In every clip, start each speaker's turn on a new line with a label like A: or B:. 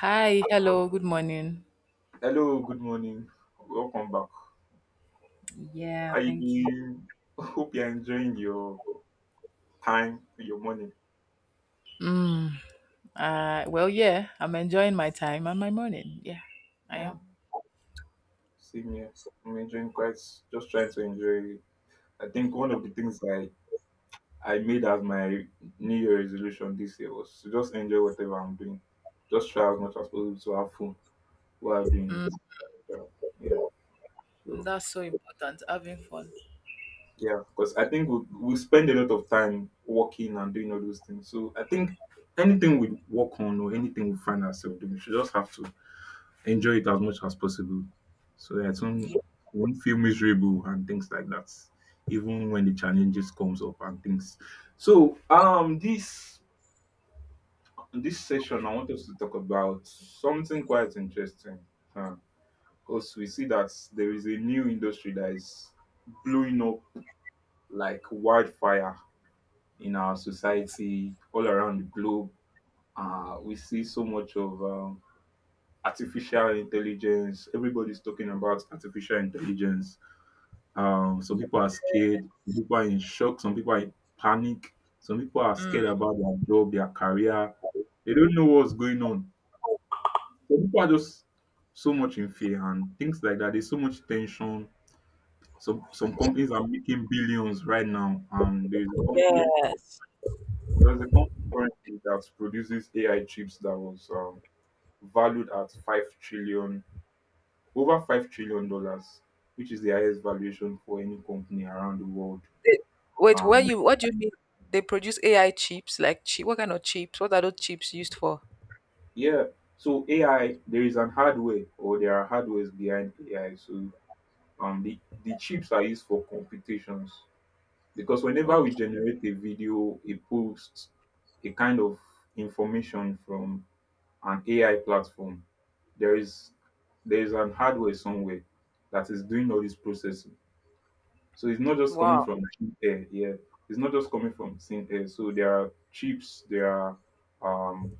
A: Hi, hello, good morning.
B: Hello, good morning. Welcome back.
A: Yeah,
B: How you
A: thank you.
B: doing? Hope you're enjoying your time, your morning.
A: Mm, well, yeah, I'm enjoying my time and my morning. Yeah, I am.
B: Same here. I'm enjoying quite, just trying to enjoy it. I think one of the things I made as my New Year resolution this year was to just enjoy whatever I'm doing. Just try as much as possible to have fun while doing
A: Mm,
B: it. So, yeah. So
A: that's so important, having fun.
B: yeah, because I think we spend a lot of time working and doing all those things. So I think anything we work on or anything we find ourselves doing, we should just have to enjoy it as much as possible. So that it
A: Ye-
B: won't feel miserable and things like that, even when the challenges comes up and things. So this session I want us to talk about something quite interesting. Because we see that there is a new industry that is blowing up like wildfire in our society all around the globe. We see so much of artificial intelligence. Everybody's talking about artificial intelligence. Some people are scared, some people are in shock, some people are in panic, some people are
A: Mm.
B: scared about their job, their career. They don't know what's going on. Some people are just so much in fear and things like that. There's so much tension. Some companies are making billions right now.
A: Yes.
B: There's a company currently that produces AI chips that was valued at over $5 trillion, which is the highest valuation for any company around the world.
A: They- Wait, when
B: Um,
A: you what do you mean? They produce AI chips, like chip. What kind of chips? What are those chips used for?
B: Yeah. So AI, there is an hardware or there are hardwares behind AI. So um the, the chips are used for computations because whenever we
A: Okay.
B: generate a video, a post, a kind of information from an AI platform, there is there is an hardware somewhere that is doing all this processing. So it's not just coming
A: Wow.
B: from thin air, yeah. It's not just coming from thin air. So there are chips, there are um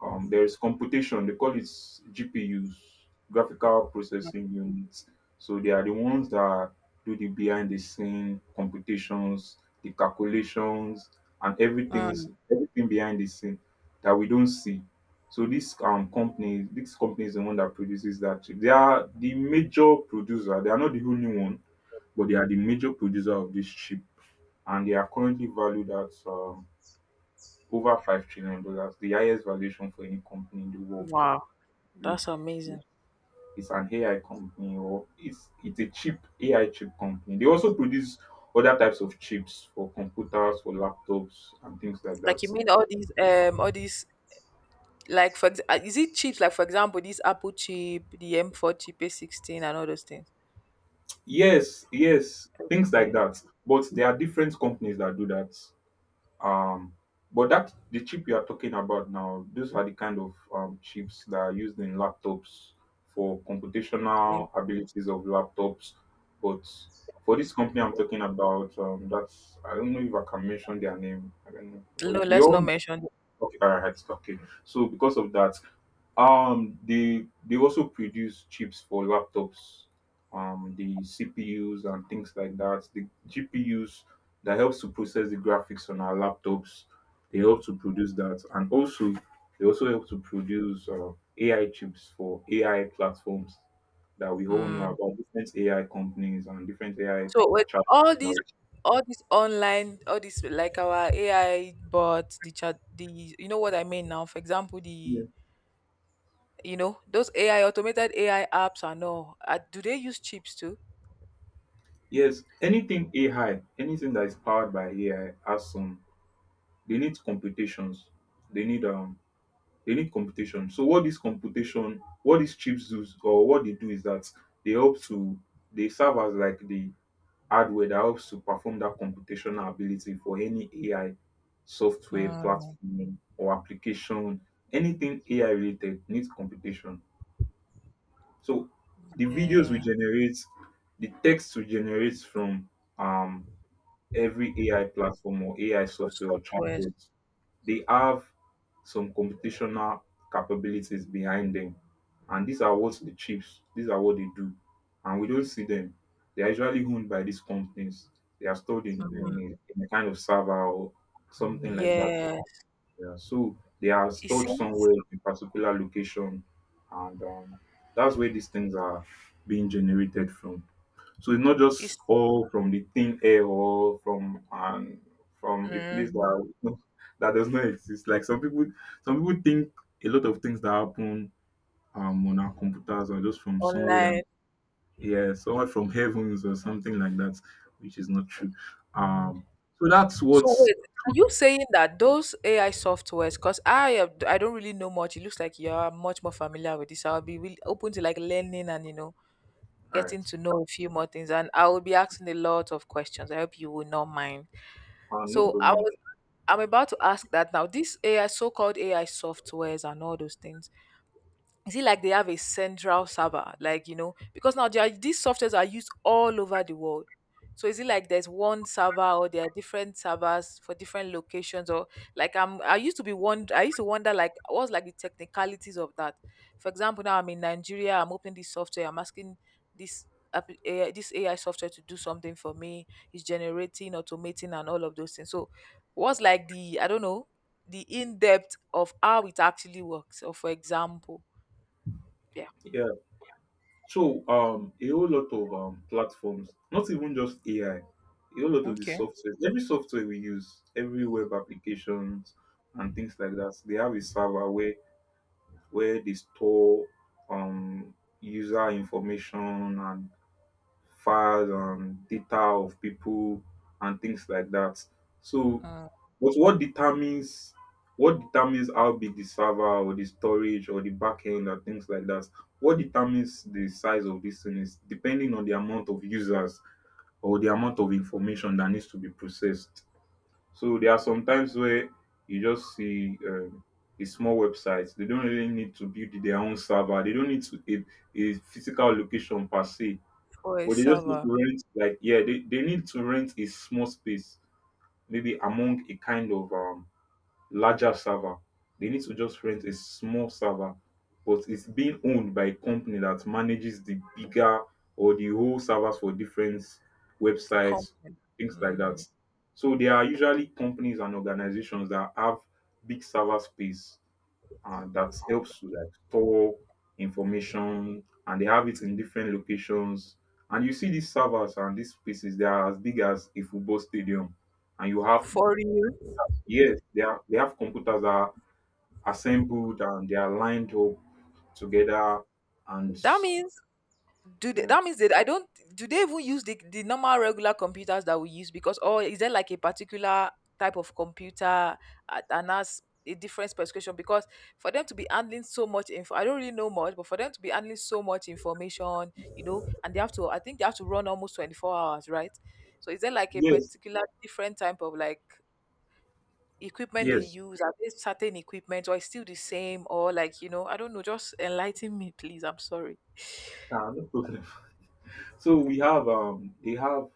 B: there is computation. They call it GPUs, graphical processing units. So they are the ones that do the behind the scene computations, the calculations, and everything
A: Mm,
B: everything behind the scene that we don't see. So this company is the one that produces that chip. They are the major producer. They are not the only one, but they are the major producer of this chip, and they are currently valued at over $5 trillion dollars, the highest valuation for any company in the world.
A: wow.
B: Like,
A: That's amazing.
B: It's an AI company or it's a chip AI chip company. They also produce other types of chips for computers, for laptops, and things like
A: Like
B: that.
A: you mean all these, is it chips? Like for example, this Apple chip, the M4 chip, A16, and all those things.
B: Yes, yes, things like
A: Yeah.
B: that. But there are different companies that do that. Um, but that the chip you are talking about now, those are the kind of chips that are used in laptops for
A: Okay.
B: computational abilities of laptops. But for this company I'm talking about, that's I don't know if I can mention their name. I don't know. We
A: No,
B: we
A: let's not
B: all
A: mention it.
B: okay, all right, okay. So because of that, they also produce chips for laptops, the CPUs and things like that. The GPUs that helps to process the graphics on our laptops, they help to produce that, and also they also help to produce AI chips for AI platforms that we all know
A: Mm.
B: about different AI companies and different AI
A: So with
B: chat.
A: all these, all this online, all this like our AI bots, the chat, the you know what I mean now. For example,
B: Yeah.
A: the you know those AI automated AI apps and all. Do they use chips too?
B: Yes, anything AI, anything that is powered by AI has some. They need computations. They need um they need computation. So what this computation, what these chips do, or what they do is that they help to they serve as like the hardware that helps to perform that computational ability for any AI software
A: Mm.
B: platform or application. Anything AI related needs computation. So the videos we
A: Yeah.
B: generate, the text we generate from um every AI platform or AI
A: Those
B: software or
A: softwares.
B: chatbot they have some computational capabilities behind them. And these are what they do. And we don't see them. They are usually owned by these companies. They are stored
A: Mm.
B: in a kind of server or something like that.
A: Yes.
B: Yeah. So they are
A: It
B: stored
A: seems
B: somewhere in particular location. And that's where these things are being generated from. So it's not just
A: it's,
B: all from the thin air or from a place
A: mhm,
B: that that does not exist. Like some people think a lot of things that happen on our computers are just from somewhere
A: online.
B: that yeah, somewhere from heavens or something like that, which is not true. Um, so that's
A: So
B: what's
A: wait, are you saying that those AI softwares? Because I don't really know much. It looks like you are much more familiar with this. I'll be really open to like learning and
B: all
A: getting
B: right.
A: to know a few more things. And I will be asking a lot of questions. I hope you will not mind.
B: No
A: So I
B: problem.
A: was I'm about to ask that now. This AI so-called AI softwares and all those things. Is it like they have a central server like, because now, these softwares are used all over the world? So is it like there's one server, or there are different servers for different locations? Or like, I used to be one, I used to wonder like what's like the technicalities of that? For example, now I'm in Nigeria, I'm opening this software, I'm asking this AI, this AI software to do something for me. It's generating, automating, and all of those things. So what's like the, I don't know, the in-depth of how it actually works? Or for example, yeah.
B: Yeah. So a whole lot of platforms, not even just AI, a whole lot of the
A: Okay.
B: software, every software we use, every web applications and things like that, they have a server where they store um user information and files and data of people and things like that. So,
A: Uh,
B: but what determines how big the server or the storage or the backend and things like that? What determines the size of this thing is depending on the amount of users or the amount of information that needs to be processed. So there are some times where you just see a small website. They don't really need to build their own server. They don't need to a physical location per se,
A: for a
B: but they just need
A: server
B: to rent like yeah, they need to rent a small space maybe among a kind of larger server. They need to just rent a small server, but it's being owned by a company that manages the bigger or the whole servers for different websites,
A: company.
B: things like
A: Hmm.
B: that. So there are usually companies and organizations that have big server space, that helps to like store information, and they have it in different locations. And you see these servers and these spaces, they are as big as a football stadium. And
A: For you.
B: yes, they have computers that are assembled and they are lined up together. And
A: That means,
B: yeah.
A: that means that I don't. Do they even use the normal regular computers that we use? Because, or is there like a particular type of computer at, and that's a different specification? Because for them to be handling so much info, I don't really know much, but for them to be handling so much information, and they have to, I think they have to run almost 24 hours, right? So is there like a
B: Yes,
A: particular different type of like equipment they
B: yes,
A: use? Are they certain equipment, or it's still the same? Or like, you know, I don't know. Just enlighten me, please. I'm sorry.
B: no problem. So we have, they have,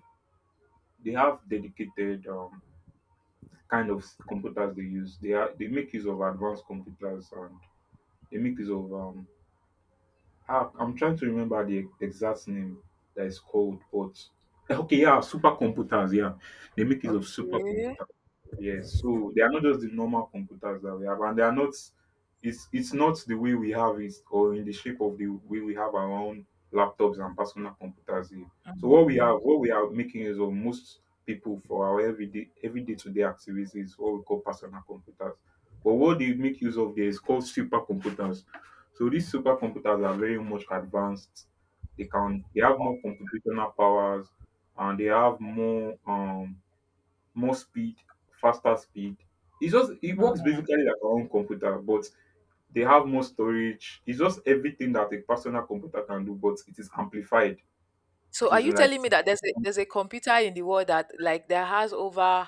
B: they have dedicated kind of computers they use. They make use of advanced computers and they make use of I'm trying to remember the exact name that is called, but okay, yeah, supercomputers. Yeah, they make use of
A: Okay.
B: supercomputers. Yes, so they are not just the normal computers that we have, and they are not. It's not the way we have it, or in the shape of the way we have our own laptops and personal computers here. So what we have, what we are making use of most people for our everyday to day activities is what we call personal computers. But what they make use of there is called supercomputers. So these supercomputers are very much advanced. They have more computational powers, and they have more speed, faster speed. It's just it works
A: Mm.
B: basically like our own computer, but they have more storage. It's just everything that a personal computer can do, but it is amplified.
A: So
B: It
A: are
B: is
A: you
B: like
A: telling me that there's a computer in the world that, like that, has over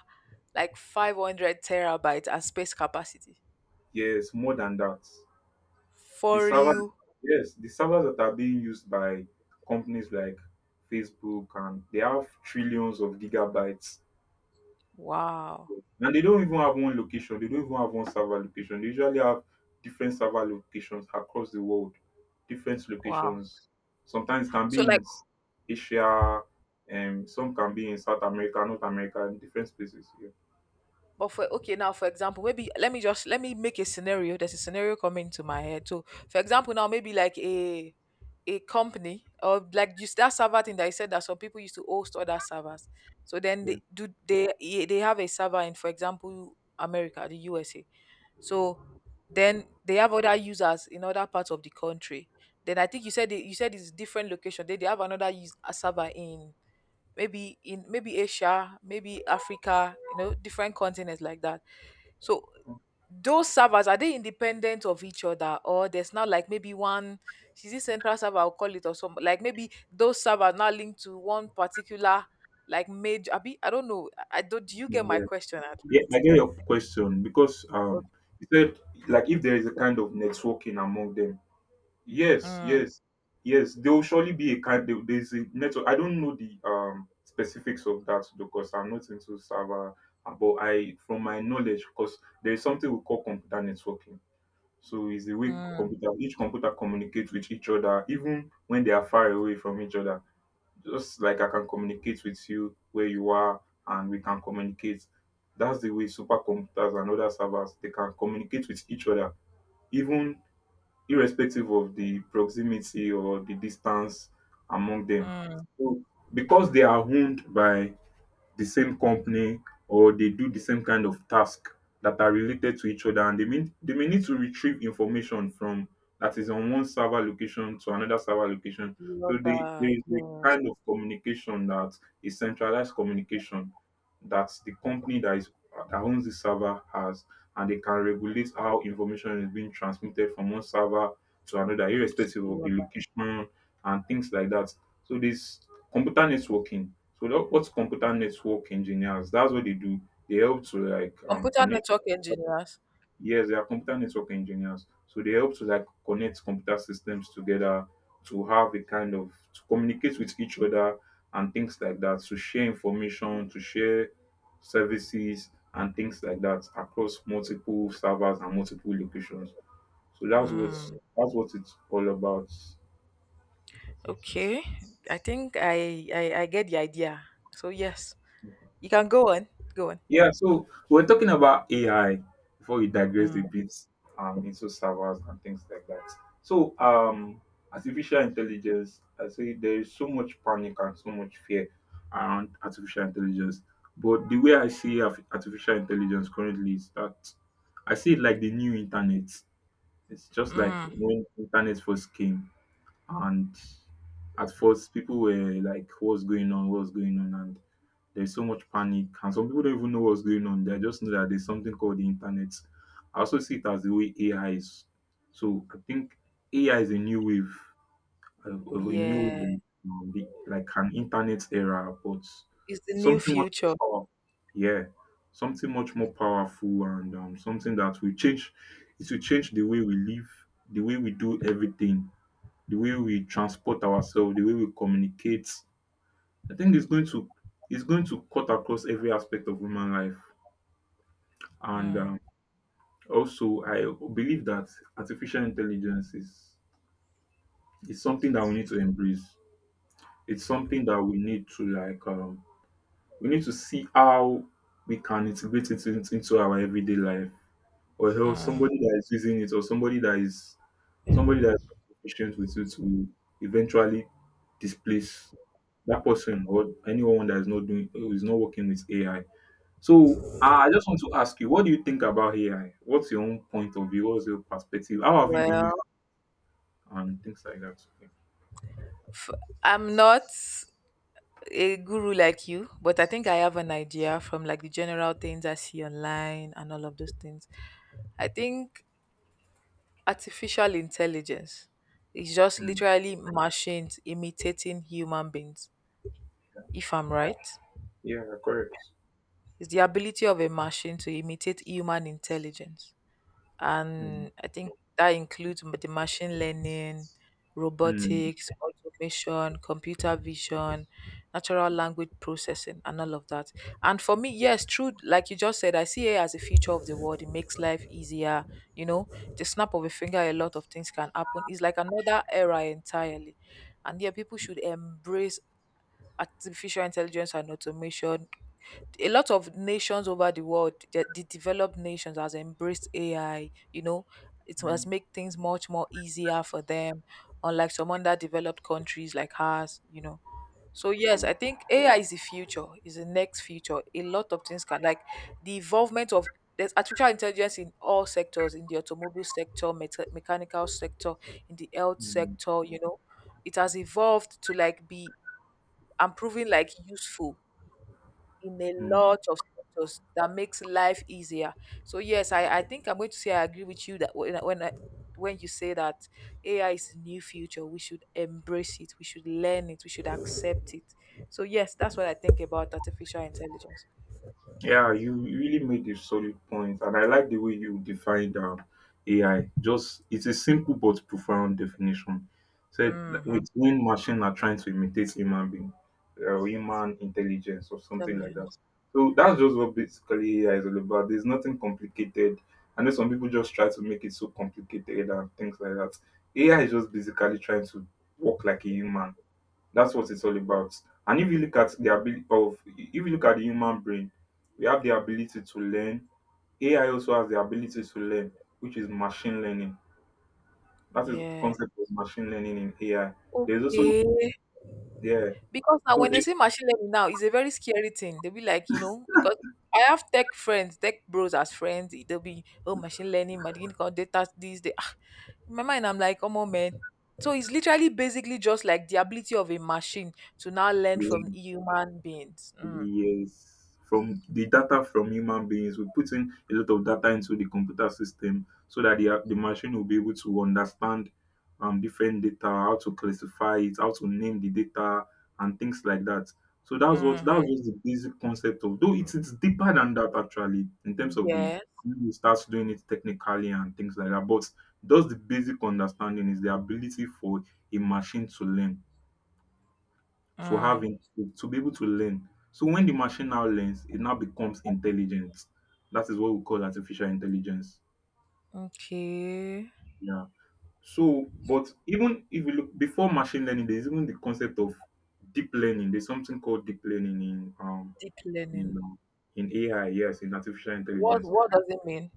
A: like 500 terabytes and space capacity?
B: yes, more than that. The
A: For
B: server
A: you?
B: yes, the servers that are being used by companies like Facebook and they have trillions of gigabytes.
A: Wow.
B: And they don't even have one location. They don't even have one server location. They usually have different server locations across the world. Different
A: Wow.
B: locations. Sometimes can
A: So
B: be in
A: like,
B: Asia, and some can be in South America, North America, in different places. Yeah.
A: but for okay now, for example, maybe let me make a scenario. There's a scenario coming to my head. So for example now, maybe like a company, or like just that server thing that I said, that some people used to host other servers. So then,
B: Yeah.
A: they do they eh, they have a server in, for example, America, the USA. So then they have other users in other parts of the country. Then I think, you said it's different location. They have another use, a server in, maybe in, maybe Asia, maybe Africa, you know, different continents like that. So those servers, are they independent of each other, or there's not like maybe one, is it central server, I'll call it, or some like maybe those servers now linked to one particular, like, major? I don't know, I don't, do you get my
B: Yeah.
A: question at
B: Yeah, I
A: least?
B: get your question because
A: Okay.
B: you said like if there is a kind of networking among them. Yes,
A: Mm.
B: yes, yes. There will surely be a kind. There's a network. I don't know the specifics of that because I'm not into server. But I, from my knowledge, because there is something we call computer networking. So it's the way
A: Mm.
B: computer each computer communicates with each other, even when they are far away from each other. Just like I can communicate with you where you are, and we can communicate. That's the way supercomputers and other servers they can communicate with each other, even irrespective of the proximity or the distance among them.
A: Mm.
B: So because they are owned by the same company or they do the same kind of task that are related to each other, and they may need to retrieve information from that is on one server location to another server
A: To
B: location.
A: the
B: So there
A: other,
B: is a
A: yes.
B: kind of communication that is centralized communication that the company that is that owns the server has, and they can regulate how information is being transmitted from one server to another
A: To
B: irrespective
A: the
B: of the
A: other.
B: location and things like that. So this computer networking, so that what's computer network engineers? That's what they do. They help to
A: Computer
B: connect.
A: network engineers.
B: Yes, they are computer network engineers. So they help to like connect computer systems together to have a kind of to communicate with each other and things like that. To share information, to share services and things like that across multiple servers and multiple locations. So
A: Mm.
B: that's what it's all about.
A: Okay. I think I, I get the idea. So yes, you can go on, go on.
B: Yeah, so we're talking about AI before we digress a
A: Mm.
B: bit, into servers and things like that. So, artificial intelligence, I say there is so much panic and so much fear around artificial intelligence. But the way I see artificial intelligence currently is that I see it like the new internet. It's just like
A: Mm.
B: when internet first came, and at first people were like, "What's going on? What's going on?" There's so much panic, and some people don't even know what's going on. They just know that there's something called the internet. I also see it as the way AI is. So I think AI is a new wave, of a new
A: Yeah.
B: wave, like an internet era, but
A: It's the new
B: something much
A: future.
B: more powerful. Yeah, something much more powerful and, something that will change. It will change the way we live, the way we do everything, the way we transport ourselves, the way we communicate, I think it's going to cut across every aspect of human life, and,
A: Mm.
B: also I believe that artificial intelligence is something that we need to embrace. It's something that we need to like, we need to see how we can integrate into our everyday life, or else
A: Mm.
B: somebody that is using it, or somebody that is patient with it will eventually displace that person or anyone that is not doing who is not working with AI. So I just want to ask you, what do you think about AI? What's your own point of view? What's your perspective? How have you been using
A: Well,
B: it and things like that?
A: f- I'm not a guru like you, but I think I have an idea from like the general things I see online and all of those things. I think artificial intelligence is just
B: Mm.
A: literally machines imitating human beings, if I'm right.
B: Yeah.
A: It's the ability of a machine to imitate human intelligence.
B: Mm,
A: And I think that includes the machine learning,
B: mm,
A: robotics, automation, computer vision, natural language processing, and all of that. And for me, yes, true, like you just said, I see it as a feature of the world. It makes life easier. You know, the snap of a finger, a lot of things can happen. It's like another era entirely. And yeah, people should embrace artificial intelligence and automation. A lot of nations over the world, the developed nations, has embraced AI. You know, it has
B: mm,
A: made things much more easier for them, unlike some underdeveloped countries like ours. You know, so yes,
B: yeah,
A: I think AI is the future, is the next future. A lot of things can, like, the involvement of, there's artificial intelligence in all sectors, in the automobile sector, mechanical sector, in the health
B: mm,
A: sector. You know, it has evolved to like be, and proving like useful in a
B: mm.
A: lot of sectors that makes life easier. So yes, I think I'm going to say I agree with you that, when you say that AI is the new future, we should embrace it, we should learn it, we should accept it. So yes, that's what I think about artificial intelligence.
B: Yeah, you really made a solid point, and I like the way you defined, AI. Just it's a simple but profound definition. Said like,
A: Hmm.
B: with when machine are trying to imitate human being, human intelligence, or something like that.
A: Intelligence.
B: So that's just what basically AI is all about. There's nothing complicated. I know some people just try to make it so complicated and things like that. AI is just basically trying to work like a human, that's what it's all about. And if you look at the ability of if you look at the human brain, we have the ability to learn. AI also has the ability to learn, which is machine learning. That is the
A: Yeah.
B: concept of machine learning in AI. There's also
A: Okay.
B: yeah.
A: Because now
B: So
A: when they say machine learning now, it's a very scary thing. They'll be like, you know, because I have tech friends, tech bros as friends. They'll be, oh, machine learning, data, this, they. Ah. In my mind, I'm like, come on, man. So it's literally basically just like the ability of a machine to now learn
B: they,
A: from human beings. Mm.
B: Yes. From the data from human beings, we put in a lot of data into the computer system so that the machine will be able to understand, different data, how to classify it, how to name the data, and things like that. So that's
A: Mm-hmm.
B: was the basic concept of. Though it's deeper than that actually in terms of the
A: Yes.
B: when you start doing it technically and things like that. But just the basic understanding is the ability for a machine to learn to
A: Mm.
B: to be able to learn. So when the machine now learns, it now becomes intelligent. That is what we call artificial intelligence.
A: Okay.
B: Yeah. So, but even if we look before machine learning, there's even the concept of deep learning. There's something called deep learning
A: Deep
B: in
A: learning.
B: um, in AI, yes, in artificial
A: What
B: intelligence.
A: What does it mean?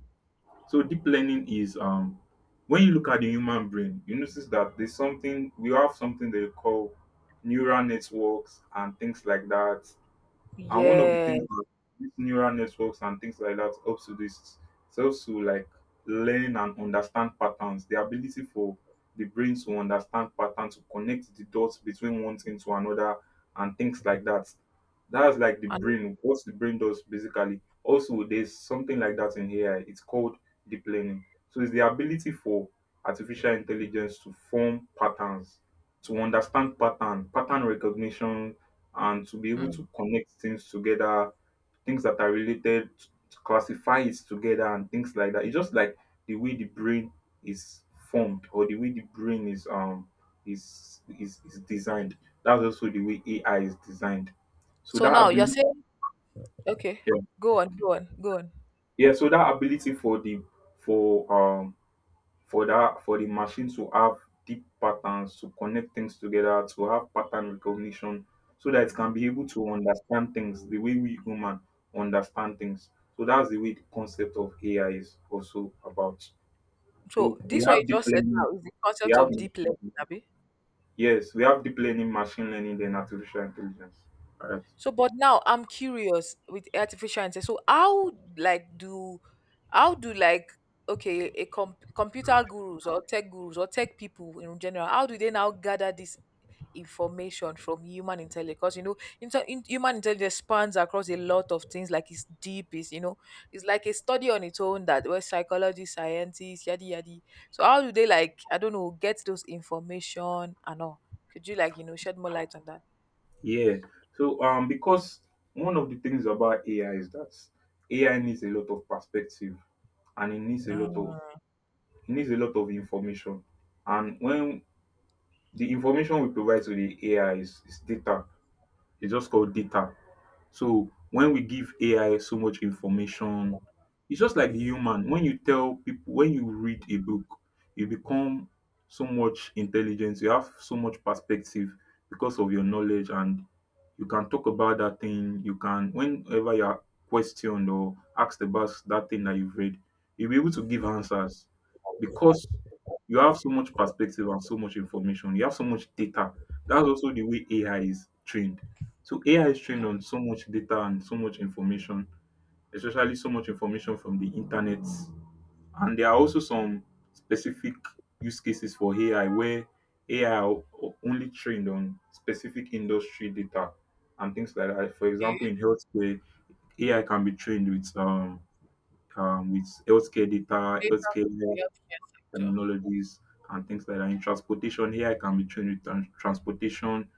B: So deep learning is, when you look at the human brain, you notice that there's something we have something they call neural networks and things like that. And one of the things
A: Yes.
B: that these neural networks and things like that helps to do is it helps to like learn and understand patterns. The ability for the brain to understand patterns, to connect the dots between one thing to another and things like that. That's like the brain, what the brain does basically. Also, there's something like that in AI. It's called deep learning. So it's the ability for artificial intelligence to form patterns, to understand pattern, pattern recognition, and to be able
A: Mm.
B: to connect things together, things that are related, to classify it together and things like that. It's just like the way the brain is formed or the way the brain is, is designed. That's also the way AI is designed. So
A: So
B: that
A: now you're
B: ability
A: saying, okay,
B: yeah.
A: go on, go on, go on.
B: Yeah, so that ability for, um for that for the machine to have deep patterns, to connect things together, to have pattern recognition, so that it can be able to understand things the way we human understand things. So that's the way the concept of AI is also about.
A: So
B: So we
A: this what
B: have
A: you
B: deep
A: just said
B: learning,
A: now is the
B: we
A: concept
B: have
A: of deep learning, Abi.
B: yes, we have deep learning, machine learning, then artificial intelligence, right?
A: So, but now I'm curious with artificial intelligence. So, like do, how do like, okay, a computer gurus or tech people in general, how do they now gather this information from human intelligence? Because you know, human intelligence spans across a lot of things. Like it's deep. It's, you know, it's like a study on its own, that where psychology, scientists, yadi yadi. So, how do they, like, I don't know, get those information and all? Could you, like, shed more light on that?
B: Yeah, so, because one of the things about AI is that AI needs a lot of perspective and it needs a lot of
A: Mm,
B: information. And when the information we provide to the AI is data. It's just called data. So when we give AI so much information, it's just like the human. When you tell people, when you read a book, you become so much intelligence, you have so much perspective because of your knowledge, and you can talk about that thing. You can, whenever you are questioned or asked about that thing that you've read, you'll be able to give answers because you have so much perspective and so much information. You have so much data. That's also the way AI is trained. So AI is trained on so much data and so much information, especially so much information from the internet. And there are also some specific use cases for AI where AI are only trained on specific industry data and things like that. For
A: okay.
B: example, in healthcare, AI can be trained with, with healthcare data, healthcare
A: The healthcare sector.
B: terminologies and things like that. In transportation, AI can be trained with transportation,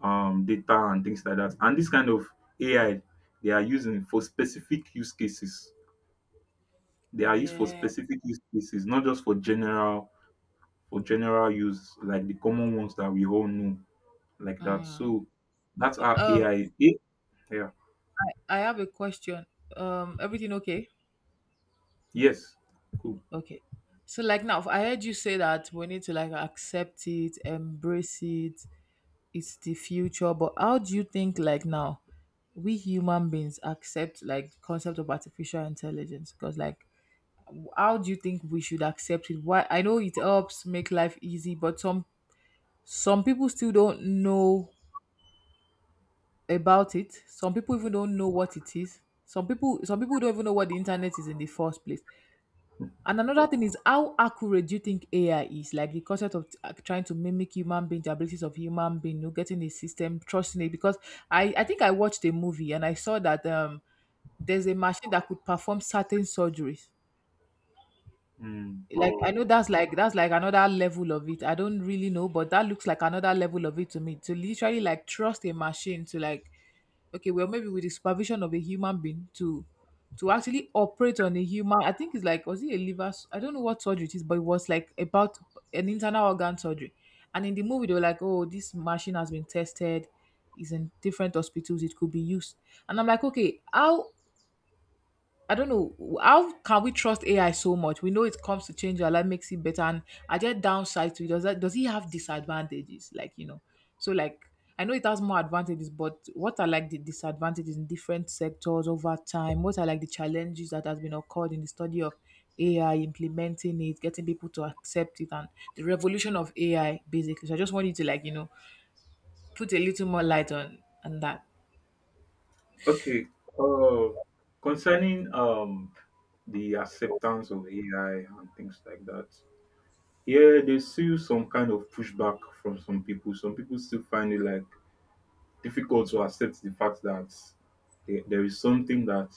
B: data, and things like that. And this kind of AI, they are using for specific use cases. They are used for
A: Yeah.
B: specific use cases, not just for general use, like the common ones that we all know, like that.
A: Mm.
B: So that's our
A: Um,
B: AI. Eh, yeah.
A: I have a question. Everything okay?
B: Yes. Cool.
A: Okay. So like now, I heard you say that we need to like accept it, embrace it. It's the future. But how do you think, like now, we human beings accept like the concept of artificial intelligence? Because like, how do you think we should accept it? Why? I know it helps make life easy, but some people still don't know about it. Some people even don't know what it is. Some people don't even know what the internet is in the first place. And another thing is, how accurate do you think AI is? Like the concept of, trying to mimic human being, the abilities of human being, you know, getting a system, trusting it. Because I think I watched a movie and I saw that there's a machine that could perform certain surgeries.
B: Mm.
A: Like I know that's like another level of it. I don't really know, but that looks like another level of it to me. To literally like trust a machine to like, okay, well maybe with the supervision of a human being, to actually operate on a human. I think it's like, was it a liver I don't know what surgery it is, but it was like about an internal organ surgery. And in the movie they were like, oh, this machine has been tested is in different hospitals, it could be used. And I'm like, okay, how? I don't know, how can we trust AI so much? We know it comes to change our life, makes it better. And are there downsides to it? Does it have disadvantages? Like, you know, so like I know it has more advantages, but what are like the disadvantages in different sectors over time? What are like the challenges that has been occurred in the study of AI, implementing it, getting people to accept it, and the revolution of AI basically. So I just want you to like, put a little more light on that.
B: Okay. Uh, concerning, the acceptance of AI and things like that. Yeah, there's still some kind of pushback from some people. Some people still find it like difficult to accept the fact that there is something that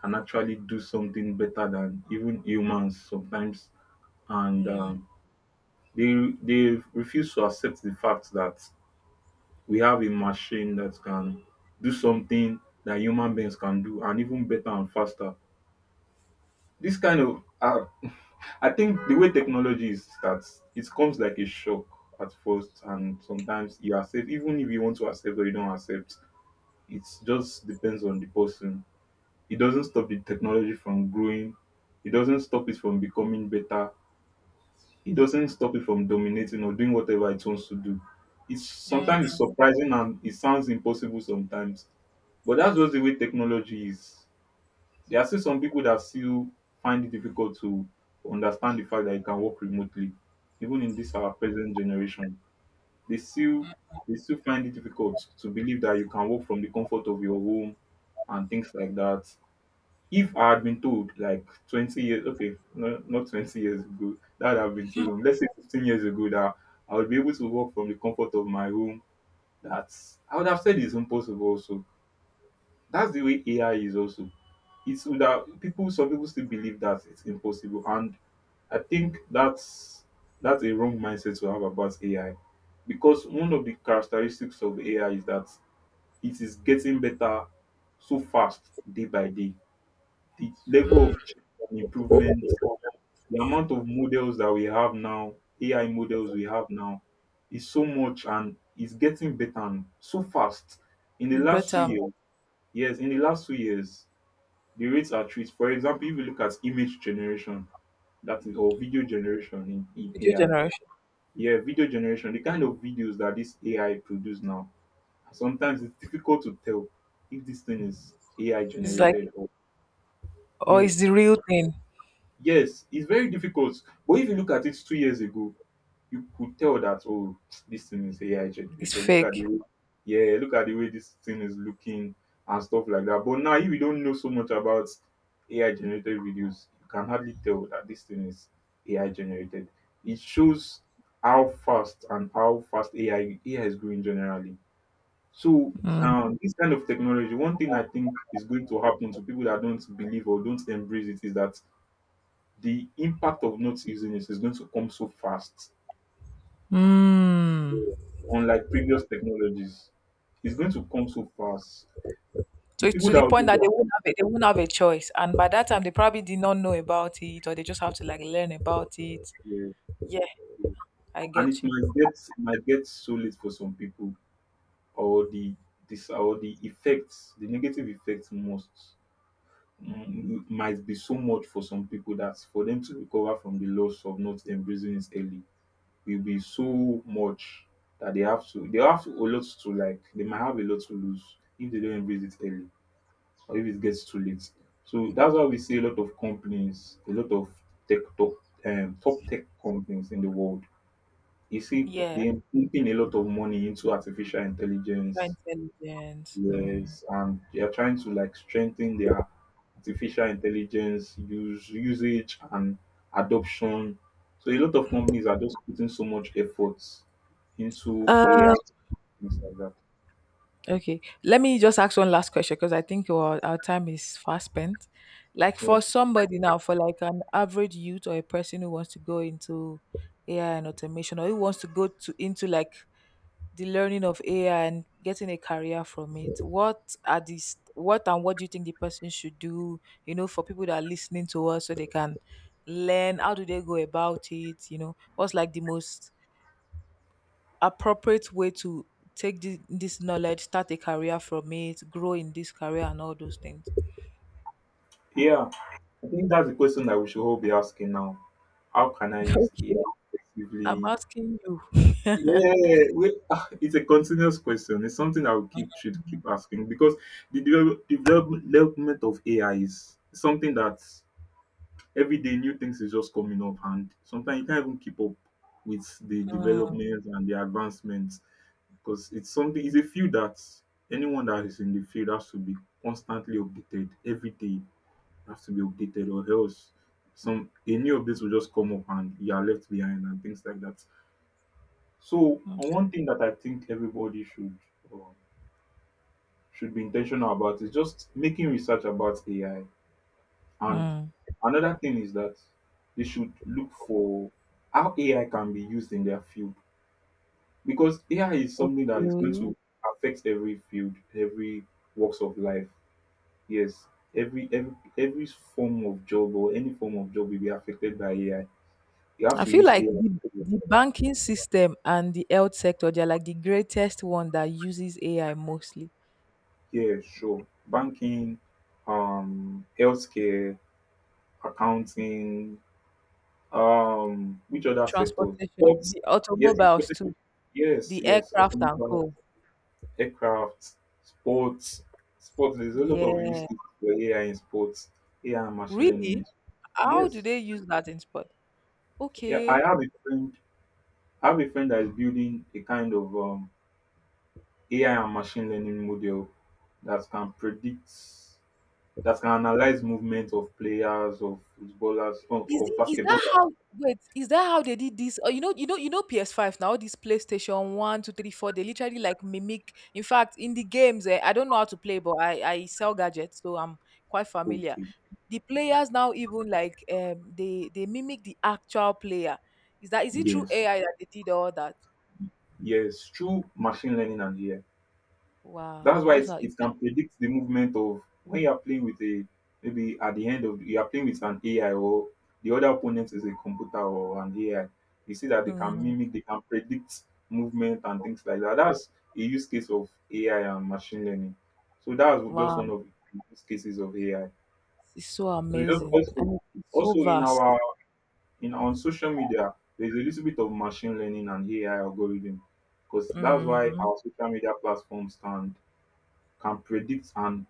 B: can actually do something better than even humans sometimes, and, they refuse to accept the fact that we have a machine that can do something that human beings can do, and even better and faster. This kind of ah, I think the way technology is starts, it comes like a shock at first, and sometimes you accept, even if you want to accept or you don't accept, it just depends on the person. It doesn't stop the technology from growing, it doesn't stop it from becoming better, it doesn't stop it from dominating or doing whatever it wants to do. It's sometimes it's surprising and it sounds impossible sometimes, but that's just the way technology is. There are still some people that still find it difficult to understand the fact that you can work remotely, even in this our present generation. They still they still find it difficult to believe that you can work from the comfort of your home and things like that. If I had been told like 20 years, okay, no, not 20 years ago, that would have been too long. Let's say 15 years ago that I would be able to work from the comfort of my home. That's I would have said it's impossible. Also, that's the way AI is also it's that people some people still believe that it's impossible, and I think that's a wrong mindset to have about ai, because one of the characteristics of ai is that it is getting better so fast day by day. The level of change and improvement, the amount of models that we have now, ai models we have now is so much, and it's getting better and so fast in the last
A: But
B: two years Yes, in the last 2 years the rates are treat. For example, if you look at image generation, that is, or video generation in
A: video
B: ai.
A: generation,
B: Yeah, video generation, the kind of videos that this ai produce now, sometimes it's difficult to tell if this thing is ai
A: it's like,
B: generated or,
A: or it's
B: yes,
A: the real thing.
B: yes, it's very difficult. But if you look at it 2 years ago, you could tell that, oh, this thing is AI
A: It's
B: generated. Look at the
A: fake.
B: way, yeah, look at the way this thing is looking and stuff like that. But now if you don't know so much about AI generated videos, you can hardly tell that this thing is AI generated. It shows how fast and how fast AI is growing generally. So this kind of technology, one thing I think is going to happen to people that don't believe or don't embrace it is that the impact of not using it is going to come so fast,
A: Mm.
B: unlike previous technologies. It's going to come so fast.
A: So
B: The
A: it's
B: people
A: to
B: that
A: the
B: will
A: point
B: use
A: that they won't have a choice, and by that time they probably did not know about it, or they just have to like learn about it.
B: that,
A: Yeah, I
B: and it
A: get you.
B: might get, it might get so late for some people, or the, this, or the effects, the negative effects must, might be so much for some people that for them to recover from the loss of not embracing it early will be so much, that they have to a lot to, like, they might have a lot to lose if they don't embrace it early, or if it gets too late. So that's why we see a lot of companies, a lot of tech top, top tech companies in the world. You see,
A: Yeah,
B: they are pumping a lot of money into artificial intelligence,
A: artificial intelligence. Mm.
B: yes, and they are trying to, like, strengthen their artificial intelligence use usage and adoption. So a lot of companies are just putting so much effort into AI,
A: Uh,
B: things like that.
A: Okay, let me just ask one last question because I think our time is fast spent. Like
B: Yeah.
A: for somebody now, for like an average youth or a person who wants to go into AI and automation, or who wants to go to into like the learning of AI and getting a career from it, what are these? What do you think the person should do? You know, for people that are listening to us, so they can learn. How do they go about it? You know, what's like the most appropriate way to take this knowledge, start a career from it, grow in this career, and all those things.
B: Yeah, I think that's the question that we should all be asking now. How can I use
A: Okay,
B: AI
A: I'm
B: effectively?
A: asking you.
B: Yeah, we, ah, it's a continuous question. It's something I will keep should keep asking, because the development of AI is something that every day new things is just coming up, and sometimes you can't even keep up with the
A: Mm.
B: developments and the advancements, because it's something. It's a field that anyone that is in the field has to be constantly updated every day, has to be updated, or else some a new update will just come up and you are left behind and things like that. So
A: Mm.
B: on one thing that I think everybody should, um, should be intentional about is just making research about AI. And
A: Mm.
B: another thing is that they should look for how AI can be used in their field, because AI is something that is going
A: Okay.
B: to affect every field, every walks of life. Yes, every every form of job or any form of job will be affected by AI. You have
A: I
B: to
A: feel
B: use
A: like
B: AI.
A: the banking system and the health sector, they're like the greatest one that uses AI mostly.
B: Yeah, sure. Banking, healthcare, accounting, which other sectors?
A: Transportation,
B: Sports.
A: the
B: Yes,
A: automobiles too,
B: transportation. Yes,
A: the
B: yes.
A: aircraft and
B: Automobile,
A: co.
B: aircraft, sports, sports. There's a lot of use
A: Yeah.
B: cases for AI in sports. AI and machine learning.
A: Really?
B: In-
A: How do
B: yes.
A: they use that in sport?
B: Yeah, I
A: Okay.
B: have a friend. I have a friend that is building a kind of AI and machine learning model that can predict, that can analyze movement of players, of footballers, of
A: Is that
B: basketballers.
A: how, wait, is that how they did this? Oh, you know PS5 now, all these PlayStation 1, 2, 3, 4 they literally like mimic. In fact, in the games, I don't know how to play, but I sell gadgets, so I'm quite familiar.
B: Okay.
A: The players now even like they mimic the actual player. Is it through
B: Yes.
A: AI that they did all that?
B: Yes, through machine learning and AI.
A: Wow,
B: That's why
A: that's
B: it's,
A: how,
B: it can predict the movement of when you are playing with a, maybe at the end of, you are playing with an AI, or the other opponent is a computer or an AI. You see that they can
A: mm,
B: mimic, they can predict movement and things like that. That's a use case of AI and machine learning. So that's just
A: wow,
B: one of the use cases of AI.
A: it's so
B: So it's just
A: amazing
B: also,
A: and it's so
B: also in
A: vast.
B: our, in on social media, there's a little bit of machine learning and AI algorithm, because that's why
A: Mm.
B: our social media platforms can predict and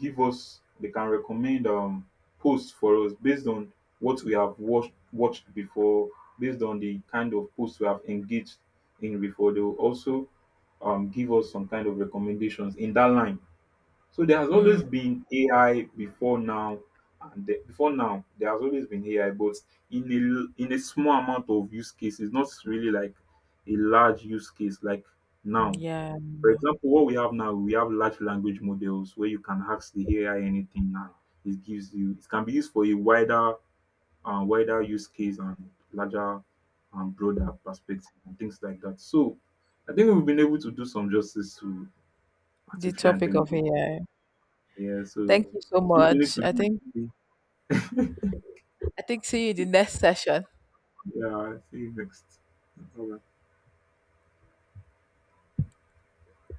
B: give us, they can recommend posts for us based on what we have watched before, based on the kind of posts we have engaged in before. They will also give us some kind of recommendations in that line. So there has always
A: Mm.
B: been AI before now, and the, before now there has always been AI, but in a in a small amount of use cases, not really like a large use case like now.
A: Yeah,
B: For example, what we have now, we have large language models where you can ask the AI anything now. It gives you. It can be used for a wider, wider use case and larger and broader perspective and things like that. So I think we've been able to do some justice to
A: the
B: artificial
A: topic of
B: intelligence.
A: AI.
B: Yeah, so
A: Thank you so
B: you need
A: much.
B: to,
A: I think see you in the next session.
B: yeah, see you next. Bye-bye.